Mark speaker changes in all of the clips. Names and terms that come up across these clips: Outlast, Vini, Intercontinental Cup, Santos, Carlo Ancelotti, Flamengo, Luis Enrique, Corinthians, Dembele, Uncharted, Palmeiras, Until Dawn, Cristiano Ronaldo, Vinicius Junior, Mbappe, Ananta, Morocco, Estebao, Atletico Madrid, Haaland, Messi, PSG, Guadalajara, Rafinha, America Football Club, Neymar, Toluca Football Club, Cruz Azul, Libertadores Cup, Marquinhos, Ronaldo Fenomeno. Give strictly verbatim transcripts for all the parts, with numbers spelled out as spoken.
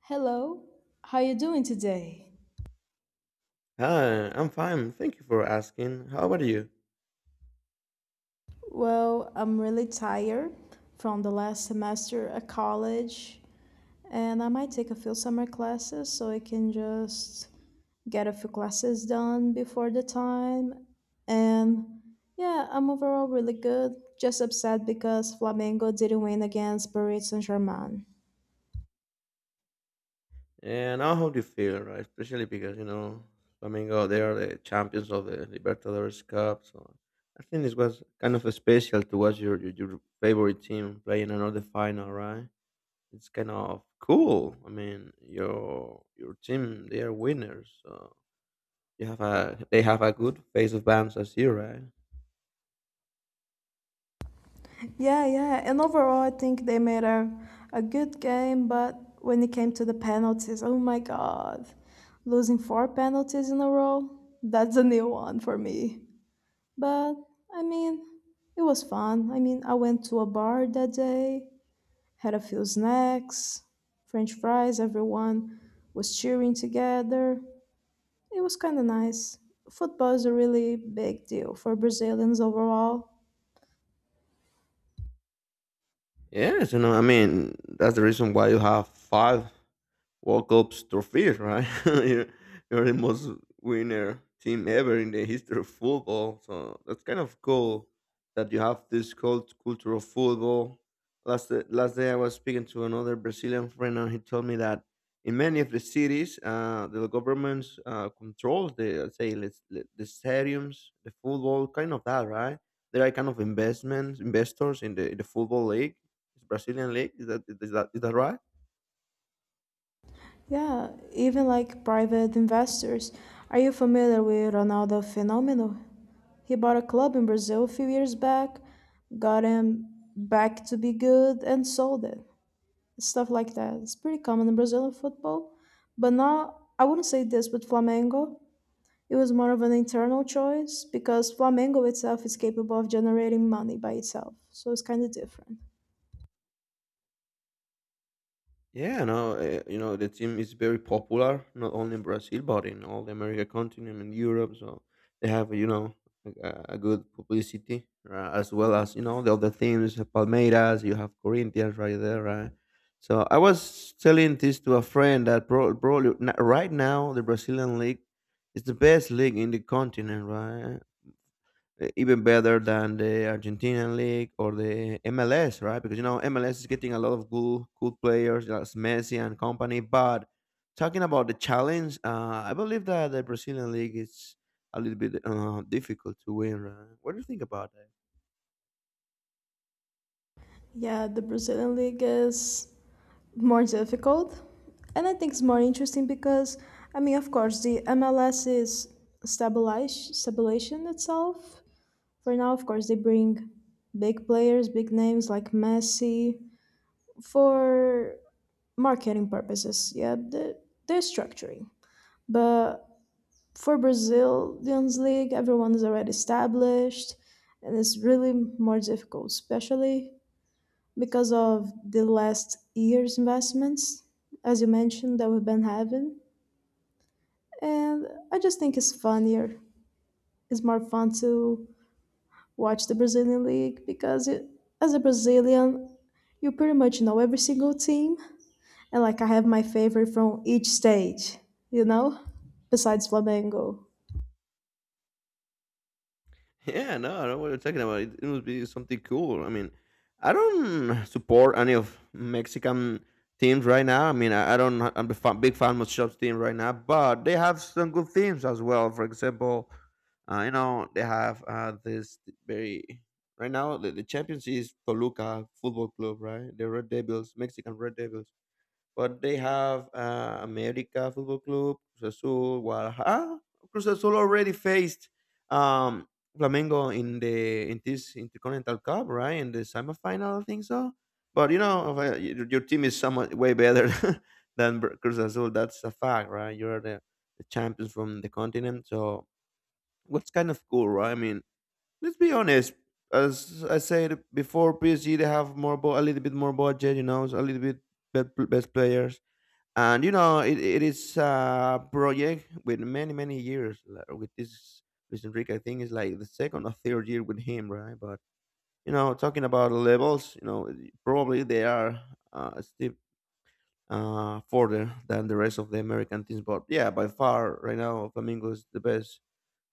Speaker 1: Hello, how you doing today?
Speaker 2: Hi, I'm fine. Thank you for asking. How about you?
Speaker 1: Well, I'm really tired from the last semester at college, and I might take a few summer classes so I can just get a few classes done before the time. And yeah, I'm overall really good. Just upset because Flamengo didn't win against Paris Saint Germain.
Speaker 2: And I hope you feel right, especially because you know Flamengo they are the champions of the Libertadores Cup. So I think this was kind of special to watch your your, your favorite team playing another final, right? It's kind of cool. I mean, your your team they are winners. So you have a they have a good face of bands as you, right?
Speaker 1: Yeah, yeah. And overall, I think they made a, a good game, but when it came to the penalties, oh my God. Losing four penalties in a row, that's a new one for me. But, I mean, it was fun. I mean, I went to a bar that day, had a few snacks, french fries, everyone was cheering together. It was kind of nice. Football is a really big deal for Brazilians overall.
Speaker 2: Yes, you know, I mean, that's the reason why you have five World Cup's trophy, right? you're, you're the most winner team ever in the history of football. So that's kind of cool that you have this cult culture of football. Last day- last day, I was speaking to another Brazilian friend, and he told me that in many of the cities, uh, the governments uh, control the say let's, the the stadiums, the football, kind of that, right? There are kind of investments, investors in the in the football league, it's Brazilian league. Is that is that is that right?
Speaker 1: Yeah, even like private investors. Are you familiar with Ronaldo Fenomeno? He bought a club in Brazil a few years back, got him back to be good, and sold it. Stuff like that. It's pretty common in Brazilian football. But now, I wouldn't say this with Flamengo. It was more of an internal choice because Flamengo itself is capable of generating money by itself. So it's kind of different.
Speaker 2: Yeah, no, uh, you know the team is very popular not only in Brazil but in all the America continent and Europe. So they have you know a, a good publicity uh, as well as you know the other teams. Palmeiras, you have Corinthians right there, right? So I was telling this to a friend that bro, bro, right now the Brazilian league is the best league in the continent, right? uh, even better than the Argentinian league or the M L S, right? Because you know M L S is getting a lot of good good players, that's Messi and company. But talking about the challenge, uh, I believe that the Brazilian league is a little bit uh, difficult to win. Right? What do you think about that?
Speaker 1: Yeah, the Brazilian league is more difficult, and I think it's more interesting because, I mean, of course, the M L S is stabilized stabilization itself for now. Of course, they bring big players, big names like Messi for marketing purposes. Yeah, they're, they're structuring. But for Brazilians league, everyone is already established, and it's really more difficult, especially because of the last year's investments, as you mentioned, that we've been having. And I just think it's funnier. It's more fun to watch the Brazilian League because it, as a Brazilian, you pretty much know every single team. And like I have my favorite from each stage, you know, besides Flamengo.
Speaker 2: Yeah, no, I know what you're talking about. It, it must be something cool. I mean, I don't support any of Mexican teams right now. I mean, I, I don't. I'm a fan, big fan of Shop's team right now, but they have some good teams as well. For example, uh, you know, they have uh, this very right now. The, the champions is Toluca Football Club, right? The Red Devils, Mexican Red Devils, but they have uh, America Football Club, Cruz Azul, Guadalajara. Cruz Azul already faced um, Flamengo in the in this Intercontinental Cup, right? In the semifinal, I think so. But you know, if I- your your team is somewhat way better than Br- Cruz Azul. That's a fact, right? You're the, the champions from the continent, so what's kind of cool, right? I mean, let's be honest. As I said before, P S G they have more, bu- a little bit more budget, you know, so a little bit bet- best players, and you know it, it is a project with many many years like, with this Luis Enrique. I think it's like the second or third year with him, right? But you know, talking about levels, you know, probably they are uh, a step uh, further than the rest of the American teams. But yeah, by far right now, Flamengo is the best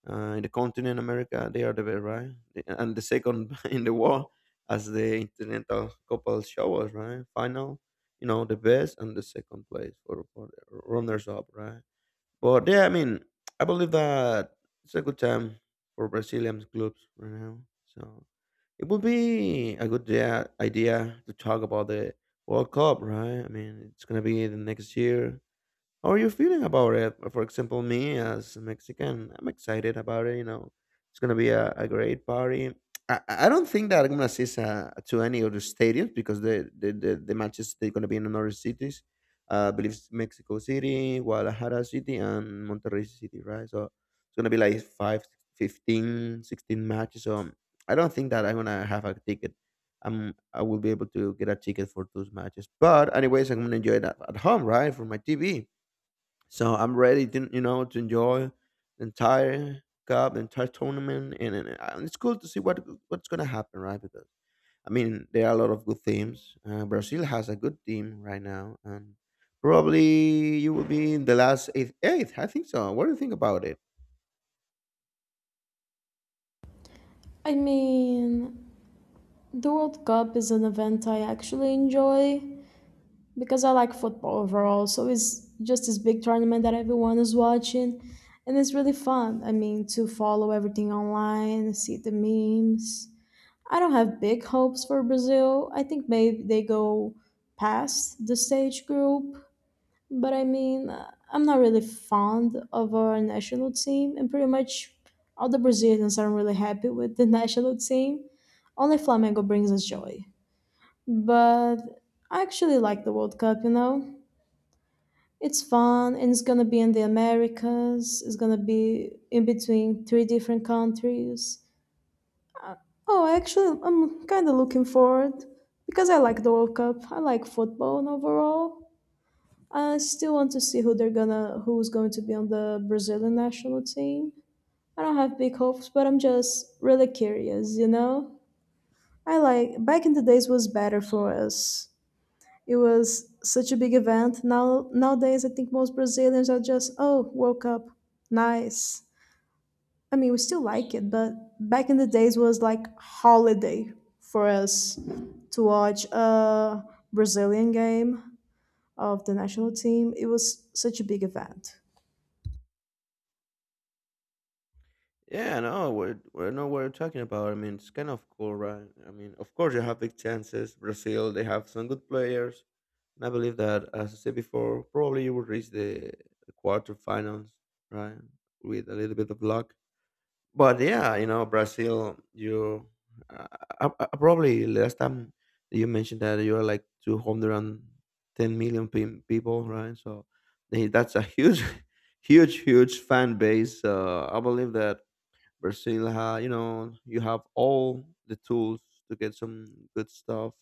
Speaker 2: uh, in the continent America, they are the best, right? And the second in the world as the Intercontinental Couple Showers, right? Final, you know, the best and the second place for, for the runners up, right? But yeah, I mean, I believe that it's a good time for Brazilian clubs right now. So it would be a good idea idea to talk about the World Cup, right? I mean, it's gonna be the next year. How are you feeling about it? For example, me as a Mexican, I'm excited about it. You know, it's gonna be a, a great party. I, I I don't think that I'm gonna assist uh, to any other stadiums because the the, the, the matches they're gonna be in other cities. Uh, I believe it's Mexico City, Guadalajara City, and Monterrey City, right? So it's gonna be like five, fifteen, sixteen matches. So I don't think that I'm gonna have a ticket. I'm I will be able to get a ticket for those matches. But anyways, I'm gonna enjoy that at home, right, for my T V. So I'm ready, to, you know, to enjoy the entire cup, the entire tournament, and, and uh, it's cool to see what what's gonna happen, right? Because I mean, there are a lot of good teams. Uh, Brazil has a good team right now, and probably you will be in the last eighth. Eighth, I think so. What do you think about it?
Speaker 1: I mean, the World Cup is an event I actually enjoy because I like football overall. So it's just this big tournament that everyone is watching, and it's really fun. I mean, to follow everything online, see the memes. I don't have big hopes for Brazil. I think maybe they go past the stage group, but I mean, uh, I'm not really fond of our national team, and pretty much all the Brazilians aren't really happy with the national team. Only Flamengo brings us joy. But I actually like the World Cup, you know? It's fun and it's gonna be in the Americas. It's gonna be in between three different countries. Oh, actually, I'm kind of looking forward because I like the World Cup. I like football and overall. I still want to see who they're gonna, who's going to be on the Brazilian national team. I don't have big hopes, but I'm just really curious, you know. I like back in the days was better for us. It was such a big event. Now nowadays, I think most Brazilians are just, "Oh, World Cup, nice." I mean, we still like it, but back in the days was like holiday for us to watch a Brazilian game of the national team. It was such a big event.
Speaker 2: Yeah, no, we're we're not what we're talking about. I mean, it's kind of cool, right? I mean, of course you have big chances. Brazil, they have some good players. And I believe that, as I said before, probably you will reach the, the quarterfinals, right? With a little bit of luck. But yeah, you know, Brazil, you uh, uh, uh, probably last time you mentioned that you are like 210 million pe- people, right? So they, that's a huge, huge, huge fan base. Uh, I believe that Brazil, ha, you know, you have all the tools to get some good stuff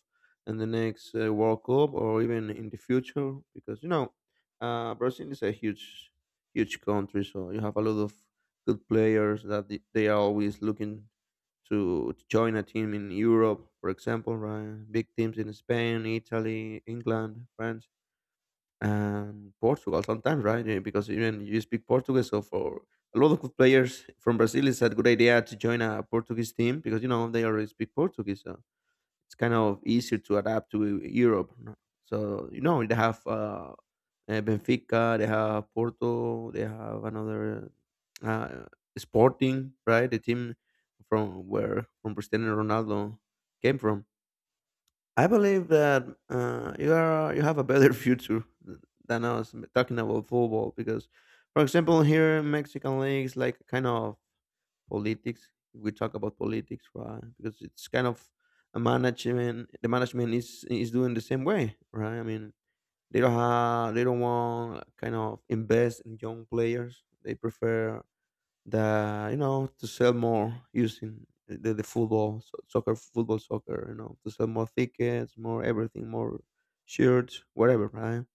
Speaker 2: in the next uh, World Cup or even in the future, because you know, uh, Brazil is a huge, huge country, so you have a lot of good players that the- they are always looking to to join a team in Europe, for example, right? Big teams in Spain, Italy, England, France, and Portugal sometimes, right? Yeah, because even you speak Portuguese, so for a lot of good players from Brazil, it's a good idea to join a Portuguese team because you know they already speak Portuguese, so it's kind of easier to adapt to Europe. No? So you know they have uh, uh, Benfica, they have Porto, they have another uh, Sporting, right? The team from where from Cristiano Ronaldo came from. I believe that uh, you are you have a better future than us talking about football because, for example, here in Mexican league is like kind of politics. We talk about politics, right? Because it's kind of a management. The management is is doing the same way, right? I mean, they don't have they don't want kind of invest in young players. They prefer that you know to sell more using the, the football so- soccer football soccer you know to sell more tickets, more everything, more shirts whatever right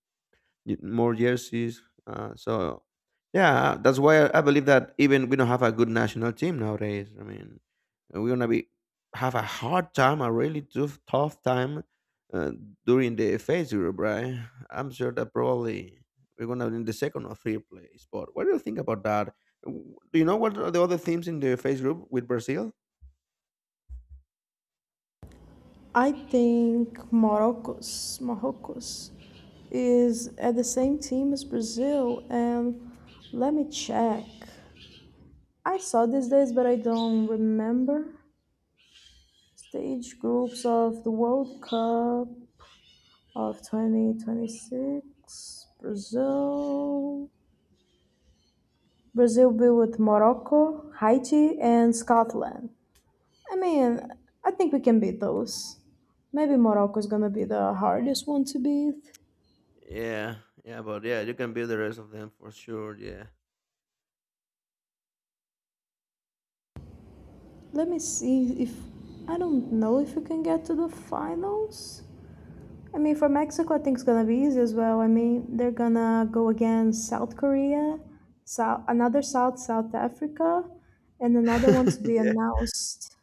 Speaker 2: y- more jerseys. Uh, so yeah, that's why I believe that even we don't have a good national team nowadays. I mean, we're gonna be have a hard time, a really tough tough time uh, during the phase group, right? I'm sure that probably we're gonna be in the second or third place. But what do you think about that? W- Do you know what are the other teams in the phase group with Brazil?
Speaker 1: I think Morocco's Morocco's is at the same team as Brazil, and let me check. I saw these days, but I don't remember. Stage groups of the World Cup of twenty twenty-six Brazil. Brazil be with Morocco, Haiti, and Scotland. I mean, I think we can beat those. Maybe Morocco is gonna be the hardest one to beat.
Speaker 2: Yeah, yeah, but yeah, you can beat the rest of them for sure. Yeah,
Speaker 1: Let me see if I don't know if we can get to the finals. I mean, for Mexico, I think it's gonna be easy as well. I mean, they're gonna go against South Korea, South another South South Africa, and another one to be
Speaker 2: yeah.
Speaker 1: announced.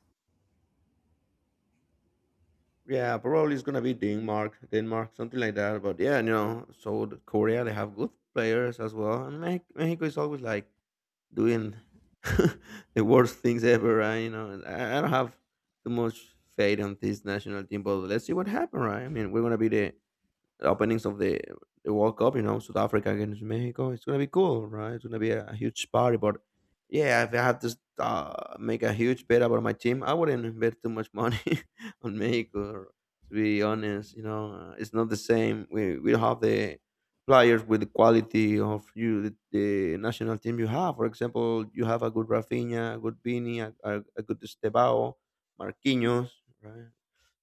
Speaker 2: Yeah, probably it's gonna be Denmark, Denmark, something like that. But yeah, you know, South Korea they have good players as well, and Me- Mexico is always like doing the worst things ever. Right? You know, and I I don't have too much faith on this national team, but let's see what happens. Right? I mean, we're gonna be the openings of the, the World Cup, you know, South Africa against Mexico. It's gonna be cool, right? It's gonna be a, huge party. But yeah, if I had to uh, make a huge bet about my team, I wouldn't bet too much money on Mexico. To be honest, you know, uh, it's not the same. We we don't have the players with the quality of you the, the national team you have. For example, you have a good Rafinha, a good Vini, a, a, a good Estebao, Marquinhos, right?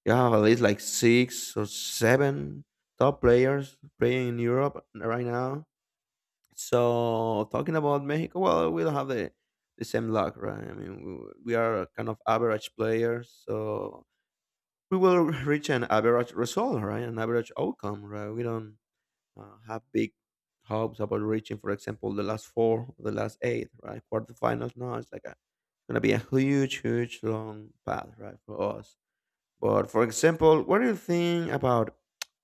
Speaker 2: You have at least like six or seven top players playing in Europe right now. So talking about Mexico, well, we don't have the the same luck, right? I mean, we, we are kind of average players, so we will reach an average result, right? An average outcome, right? We don't uh, have big hopes about reaching, for example, the last four, the last eight, right? Quarterfinals. No, it's like a, it's gonna be a huge, huge long path, right, for us. But for example, what do you think about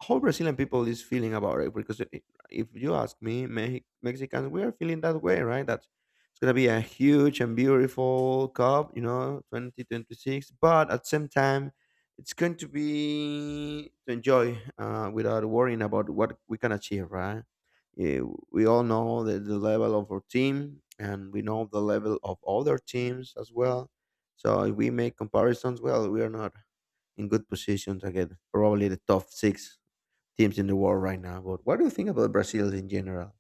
Speaker 2: how Brazilian people is feeling about it? Because i- if you ask me, Mex- Mexicans, we are feeling that way, right? That it's gonna be a huge and beautiful cup, you know, twenty twenty six. But at the same time, it's going to be to enjoy uh, without worrying about what we can achieve, right? Yeah, we all know the, the level of our team, and we know the level of other teams as well. So if we make comparisons, well, we are not in good positions to probably the top six teams in the world right now. But what do you think about Brazil in general?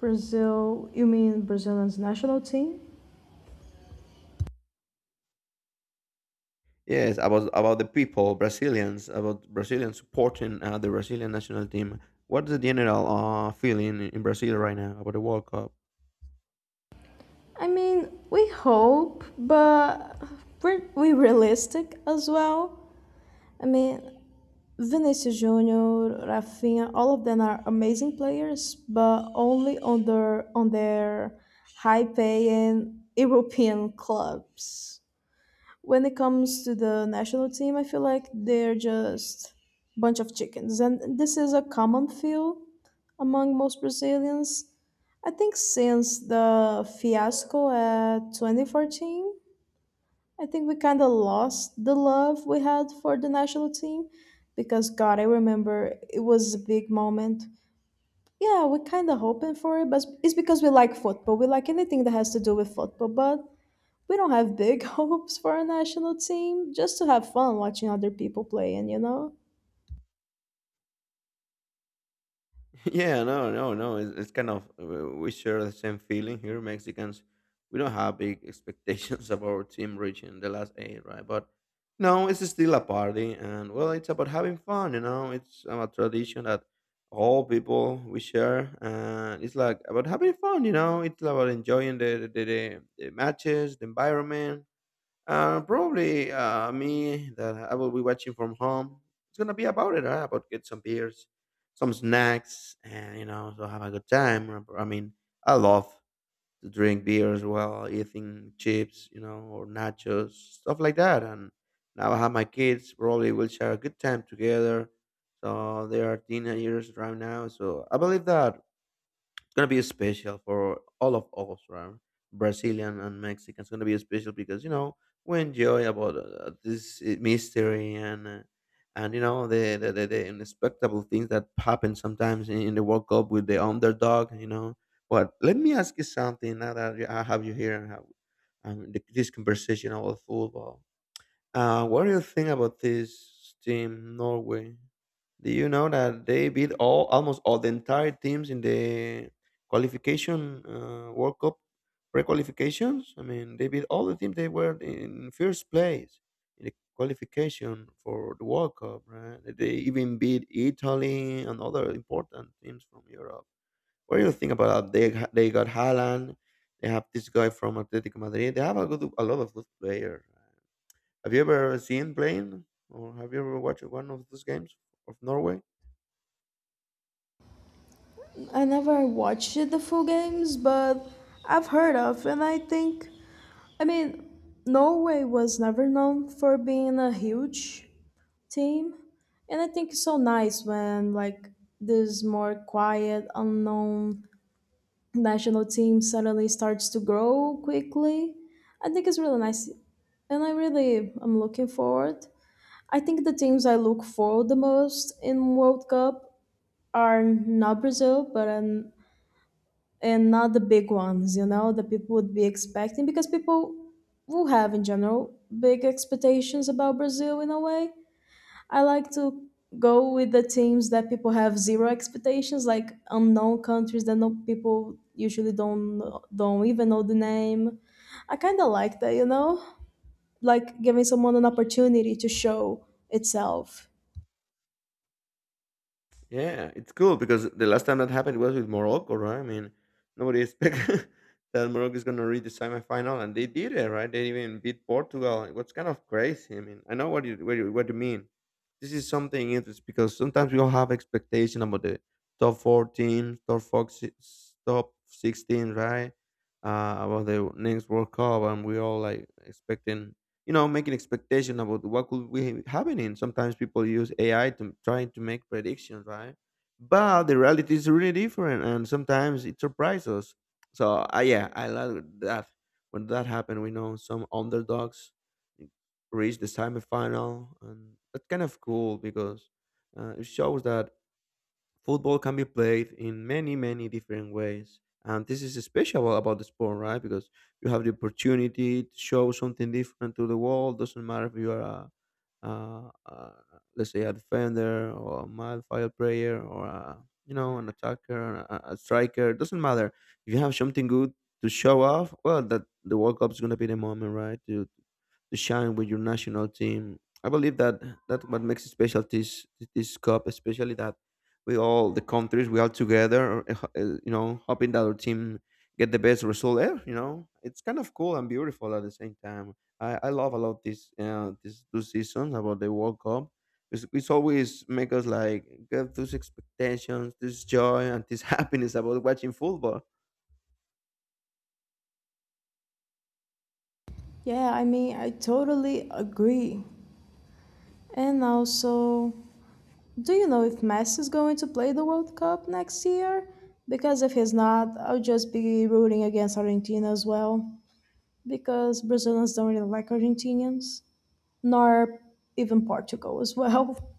Speaker 1: Brazil. You mean Brazil's national team?
Speaker 2: Yes, about about the people, Brazilians, about Brazilians supporting uh, the Brazilian national team. What's the general uh, feeling in Brazil right now about the World Cup?
Speaker 1: I mean, we hope, but we're we realistic as well. I mean, Vinicius Junior, Rafinha, all of them are amazing players, but only on their on their high-paying European clubs. When it comes to the national team, I feel like they're just bunch of chickens, and this is a common feel among most Brazilians. I think since the fiasco at twenty fourteen, I think we kind of lost the love we had for the national team because, God, I remember it was a big moment. Yeah, we're kind of hoping for it, but it's because we like football. We like anything that has to do with football, but we don't have big hopes for a national team just to have fun watching other people playing, you know?
Speaker 2: Yeah, no, no, no. It's, it's kind of uh, we share the same feeling here. Mexicans, we don't have big expectations of our team reaching the last eight, right? But no, it's still a party, and well, it's about having fun. You know, it's a tradition that all people we share, and it's like about having fun. You know, it's about enjoying the the, the, the matches, the environment, uh, probably uh, me that I will be watching from home. It's gonna be about it, right? About get some beers, some snacks, and you know, so have a good time. I mean, I love to drink beers while eating chips, you know, or nachos, stuff like that. And now I have my kids. Probably will share a good time together. So they are teenagers right now. So I believe that it's gonna be special for all of us, right? Brazilian and Mexican. It's gonna be special because you know we enjoy about uh, this uh, mystery and uh, and you know the the, the the unexpectable things that happen sometimes in, in the World Cup with the underdog. You know, but let me ask you something now that I have you here and have um, the, this conversation about football. Uh, what do you think about this team, Norway? Do you know that they beat all almost all the entire teams in the qualification uh, World Cup pre-qualifications? I mean, they beat all the teams. They were in first place in the qualification for the World Cup, right? They even beat Italy and other important teams from Europe. What do you think about that? They ha- they got Haaland. They have this guy from Atletico Madrid. They have a good, a lot of good players, right? Have you ever seen playing, or have you ever watched one of those games of Norway?
Speaker 1: I never watched the full games, but I've heard of, and I think, I mean, Norway was never known for being a huge team, and I think it's so nice when, like, this more quiet unknown national team suddenly starts to grow quickly. I think it's really nice, and I really am looking forward. I think the teams I look for the most in world cup are not Brazil, but and and not the big ones, you know, that people would be expecting because people will have in general big expectations about Brazil. In a way, I like to go with the teams that people have zero expectations, like unknown countries that no people usually don't don't even know the name. I kind of like that, you know, like giving someone an opportunity to show itself.
Speaker 2: Yeah, it's cool because the last time that happened was with Morocco, right? I mean, nobody expected that Morocco is going to reach the semifinal, and they did it, right? They even beat Portugal. It was kind of crazy. I mean, I know what you what you, what you mean. This is something interesting because sometimes we all have expectation about the top four teams, top four, six- top sixteen, right? Uh, about the next World Cup, and we all like expecting you know make an expectation about what could be happening. Sometimes people use ai to trying to make predictions, right? But the reality is really different and sometimes it surprises us. So uh, yeah, I love that when that happened. We know some underdogs reach the semifinal, and that's kind of cool because uh, it shows that football can be played in many many different ways, and this is special about the sport, right? Because you have the opportunity to show something different to the world. Doesn't matter if you are a uh, uh, let's say a defender or a midfield player or a, you know, an attacker, a, a striker. Doesn't matter. If you have something good to show off, well, that the World Cup is gonna be the moment, right? To to shine with your national team. I believe that that's what makes it special this this cup, especially that we all the countries we all together, uh, uh, you know, hoping that our team get the best result ever. You know, it's kind of cool and beautiful at the same time. I, I love a lot this uh, this two seasons about the World Cup. It's, it's always make us like get those expectations, this joy, and this happiness about watching football.
Speaker 1: Yeah, I mean, I totally agree. And also, do you know if Messi is going to play the World Cup next year? Because if he's not, I'll just be rooting against Argentina as well. Because Brazilians don't really like Argentinians. Nor even Portugal as well.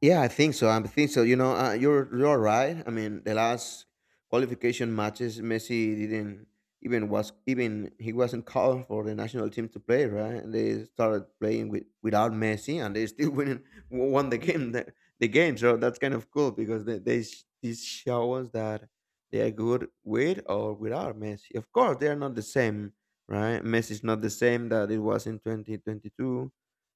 Speaker 2: Yeah, I think so. I think so. You know, uh, you're you're right. I mean, the last qualification matches, Messi didn't even was even he wasn't called for the national team to play, right? And they started playing with without Messi, and they still winning won the game the, the game. So that's kind of cool because they they sh- these show us that they are good with or without Messi. Of course, they are not the same, right? Messi is not the same that it was in twenty twenty two.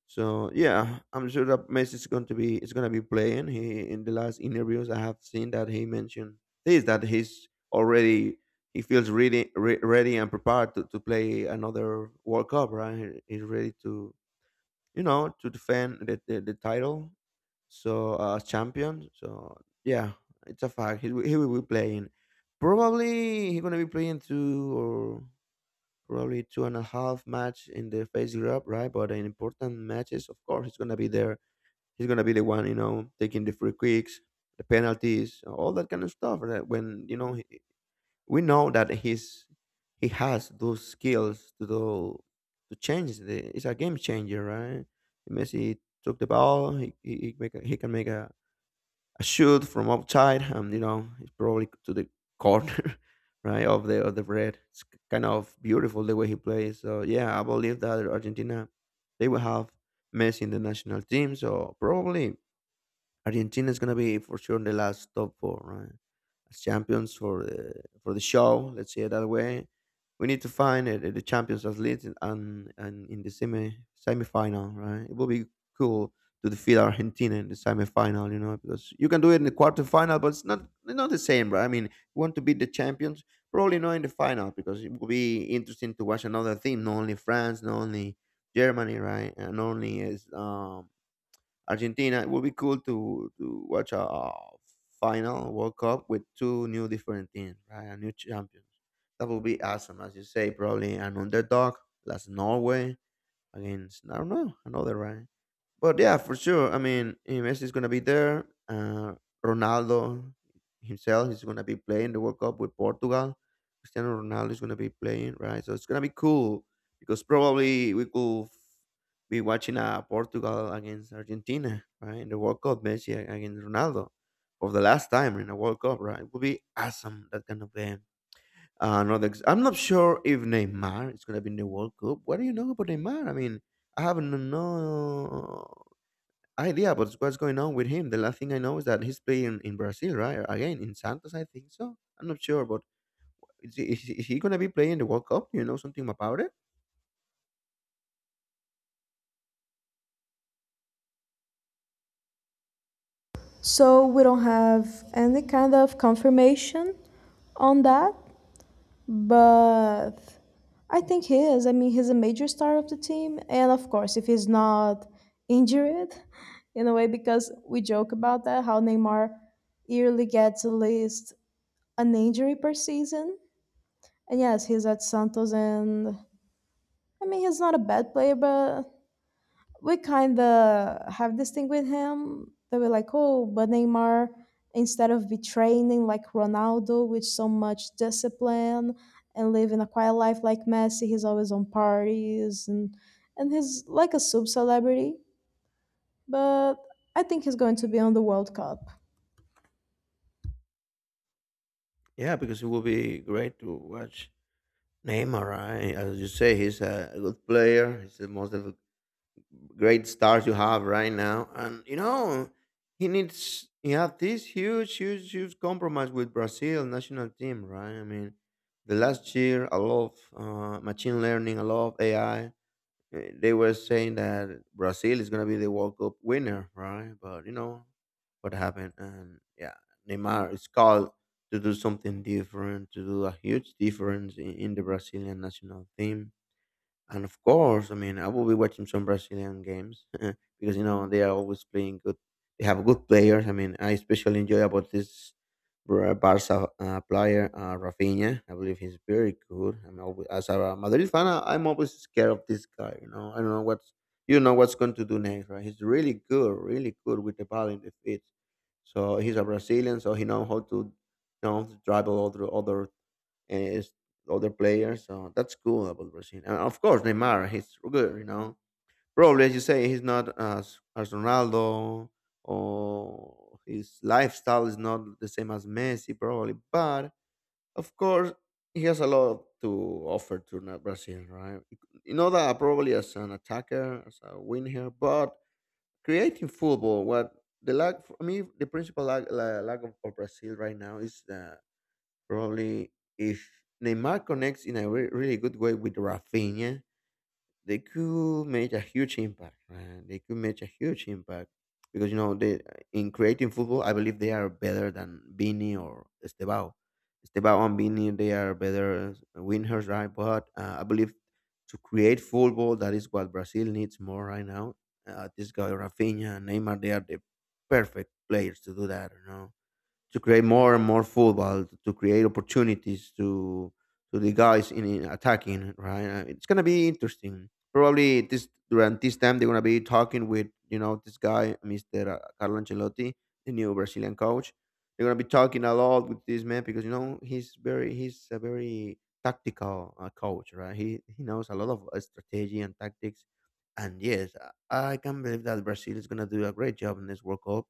Speaker 2: So yeah, I'm sure that Messi is going to be is going to be playing. He in the last interviews I have seen that he mentioned this that he's already he feels really re- ready and prepared to, to play another World Cup. Right, He- he's ready to you know to defend the the, the title. So uh, champion. So yeah, it's a fact. He will- he will be playing. Probably he's gonna be playing two or probably two and a half match in the face grab, right? But in important matches, of course, he's gonna be there. He's gonna be the one, you know, taking the free kicks, the penalties, all that kind of stuff. Right? When you know, he, we know that he's he has those skills to do to change the. It's a game changer, right? Messi took the ball. He he, he, make a, he can make a a shoot from outside, and you know it's probably to the corner, right, of the of the red. It's k- kind of beautiful the way he plays. So yeah, I believe that Argentina they will have Messi in the national team. So probably Argentina is going to be for sure in the last top four, right? As champions for the for the show, let's say it that way. We need to find uh, the champions at least in- and and in the semi semifinal, right? It will be cool to defeat Argentina in the semifinal, you know, because you can do it in the quarterfinal, but it's not not the same, right? I mean, you want to beat the champions, probably not in the final because it will be interesting to watch another team, not only France, not only Germany, right, and only is um Argentina. It would be cool to to watch a, a final World Cup with two new different teams, right? A new champions. That would be awesome, as you say. Probably an underdog, that's Norway against I don't know another, right. But yeah, for sure. I mean, eh, Messi is gonna be there. Uh, Ronaldo himself is gonna be playing the World Cup with Portugal. Cristiano Ronaldo is gonna be playing, right? So it's gonna be cool because probably we could f- be watching uh, Portugal against Argentina, right? In the World Cup, Messi a- against Ronaldo for the last time in a World Cup, right? It would be awesome that kind of game. Uh, another, ex- I'm not sure if Neymar is gonna be in the World Cup. What do you know about Neymar? I mean, I haven't no idea but what's going on with him. The last thing I know is that he's playing in Brazil, right? Again, in Santos, I think so. I'm not sure, but is he, is he is he gonna be playing the World Cup? Do you know something about it?
Speaker 1: So we don't have any kind of confirmation on that, but I think he is. I mean, he's a major star of the team, and of course, if he's not injured, in a way, because we joke about that, how Neymar yearly gets at least an injury per season. And yes, he's at Santos, and I mean, he's not a bad player, but we kind of have this thing with him that we're like, oh, but Neymar, instead of be training like Ronaldo with so much discipline and living a quiet life like Messi, he's always on parties, and and he's like a sub celebrity. But I think he's going to be on the World Cup.
Speaker 2: Yeah, because it will be great to watch Neymar, right? As you say, he's a good player. He's the most of the great stars you have right now, and you know he needs he had this huge, huge, huge compromise with Brazil national team, right? I mean, the last year, a lot of uh, machine learning, a lot of A I, eh, they were saying that Brazil is gonna be the World Cup winner, right? But you know what happened, and yeah, Neymar is called to do something different, to do a huge difference in, in the Brazilian national team. And of course, I mean, I will be watching some Brazilian games because you know they are always playing good. They have good players. I mean, I especially enjoy about this Bra- Barca uh, player uh, Rafinha. I believe he's very good. I'm always, as a Madrid fan, I- I'm always scared of this guy. You know, I don't know what's you know what's going to do next. Right? He's really good, really good with the ball in the feet. So he's a Brazilian, so he know how to you know to dribble all the other eh, s- other players. So that's cool about Brazil. And of course, Neymar, he's good, you know. Probably, as you say, he's not as, as Ronaldo or his lifestyle is not the same as Messi, probably. But of course, he has a lot to offer to Na- Brazil, right? You know that probably as an attacker, as a winger, but creating football, what the lack for me, the principal lack, la- lack of, of Brazil right now is uh, probably if Neymar connects in a re- really good way with Rafinha, they could make a huge impact. Right? They could make a huge impact because you know they in creating football, I believe they are better than Vini or Estebao. Estebao and Vini, they are better winners, right? But uh, I believe to create football, that is what Brazil needs more right now. Uh, this guy Rafinha, and Neymar, they are the perfect players to do that. You know to create more and more football, to, to create opportunities to to the guys in, in attacking. Right. Uh, it's gonna be interesting. Probably this during this time they're gonna be talking with you know this guy, Mister uh, Carlo Ancelotti, the new Brazilian coach. They're gonna be talking a lot with this man because you know he's very he's a very tactical uh, coach, right? He he knows a lot of uh, strategy and tactics. And yes, I I can't believe that Brazil is gonna do a great job in this World Cup.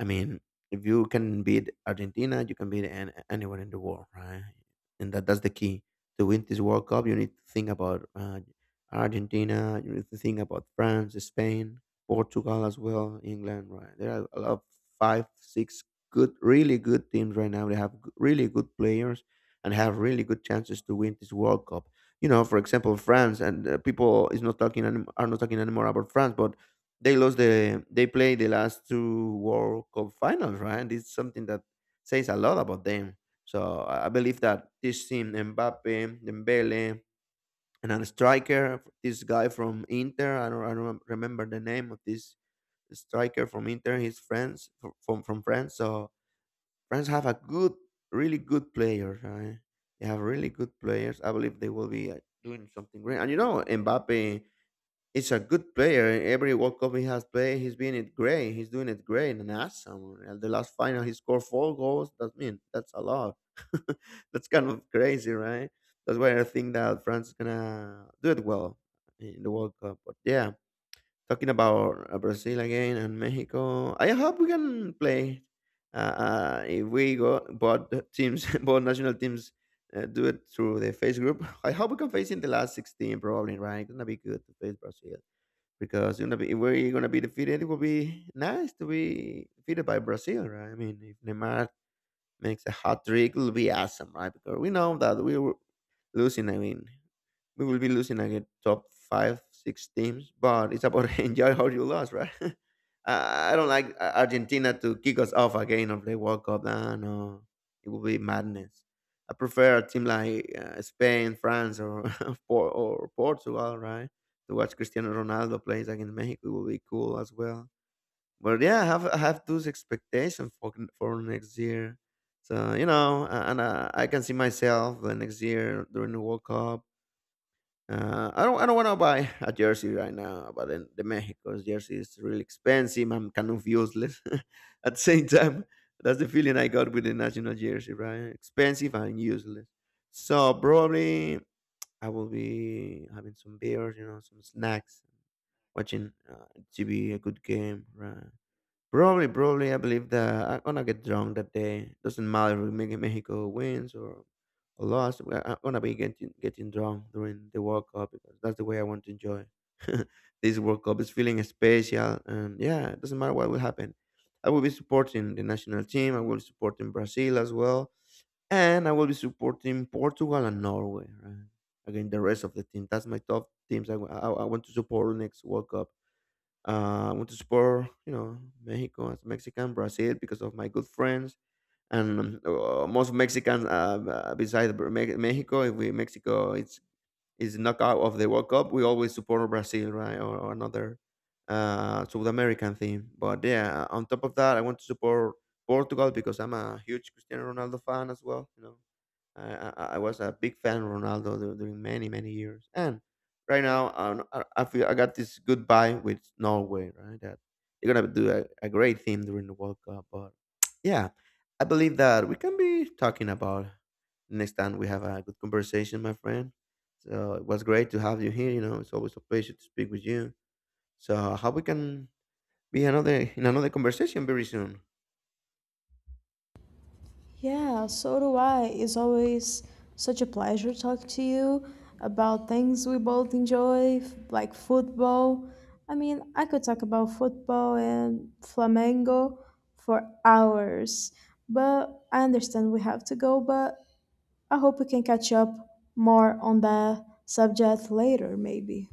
Speaker 2: I mean, if you can beat Argentina, you can beat an, anyone in the world, right? And that, that's the key. To win this World Cup, you need to think about uh, Argentina, you need to think about France, Spain, Portugal as well, England, right? There are a lot of five, six good, really good teams right now. They have g- really good players and have really good chances to win this World Cup. You know, for example, France, and uh, people is not talking anim- are not talking anymore about France, but they lost the they played the last two World Cup finals, right? And it's something that says a lot about them. So I I believe that this team, Mbappe, Dembele, and a striker, this guy from Inter, I don't, I don't remember the name of this striker from Inter. He's France fr- from from France. So France have a good, really good players. Right? They have really good players. I believe they will be uh, doing something great. And you know, Mbappe he's a good player. In every World Cup he has played, he's been it great. He's doing it great and awesome. At the last final, he scored four goals. That mean that's a lot. That's kind of crazy, right? That's why I think that France is gonna do it well in the World Cup. But yeah, talking about uh, Brazil again and Mexico, I hope we can play. Uh, uh, if we go, both teams, both national teams, uh, do it through the face group. I hope we can face in the last sixteen, probably. Right, it's gonna be good to face Brazil because you know if we're gonna be defeated, it would be nice to be defeated by Brazil, right? I mean, if Neymar makes a hat trick, it'll be awesome, right? Because we know that we were losing. I mean, we will be losing against top five, six teams. But it's about enjoy how you lost, right? I I don't like Ar- Argentina to kick us off again of the World Cup. No, no, it will be madness. I prefer a team like uh, Spain, France, or Por- or Portugal, right? To watch Cristiano Ronaldo plays against Mexico it will be cool as well. But yeah, I have I have those expectations for n- for next year. So you know, a- and uh, I can see myself the next year during the World Cup uh, I don't, I don't want to buy a jersey right now, but then the Mexico's jersey is really expensive I'm kind of useless. At the same time, that's the feeling I got with the national jersey, right? Expensive and useless. So probably I will be having some beers, you know, some snacks, watching uh, T V, a good game, right? Probably, probably, I believe that I'm gonna get drunk that day. Doesn't matter if Me- Mexico wins or or lost. we- I'm gonna be getting getting drunk during the World Cup because that's the way I want to enjoy this World Cup. It's feeling special, and yeah, it doesn't matter what will happen. I will be supporting the national team. I will be supporting Brazil as well, and I will be supporting Portugal and Norway. Right? Again, the rest of the team. That's my top teams. I, wa- I, I want to support next World Cup. Uh, I want to support, you know, Mexico as Mexican, Brazil because of my good friends, and um, uh, most Mexicans uh, uh, besides Bra- Me- Mexico, if we Mexico it's is knockout of the World Cup, we always support Brazil, right, or, or another uh, South American team. But yeah, on top of that, I want to support Portugal because I'm a huge Cristiano Ronaldo fan as well. You know, I, I I was a big fan of Ronaldo dur- during many many years, and right now um, I, I feel I got this good vibe with Norway, right? That they're gonna do a, a great thing during the World Cup, but yeah, I believe that we can be talking about next time we have a good conversation, my friend. So it was great to have you here. You know, it's always a pleasure to speak with you. So I hope we can be another in another conversation very soon.
Speaker 1: Yeah, so do I. It's always such a pleasure talking to you about things we both enjoy, f- like football. I mean, I could talk about football and Flamengo for hours, but I understand we have to go, but I hope we can catch up more on that subject later, maybe.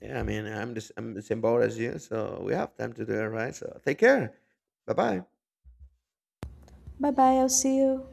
Speaker 2: Yeah, I mean, I'm the, s- I'm the same boat as you, so we have time to do it, right? So take care. Bye bye.
Speaker 1: Bye bye, I'll see you.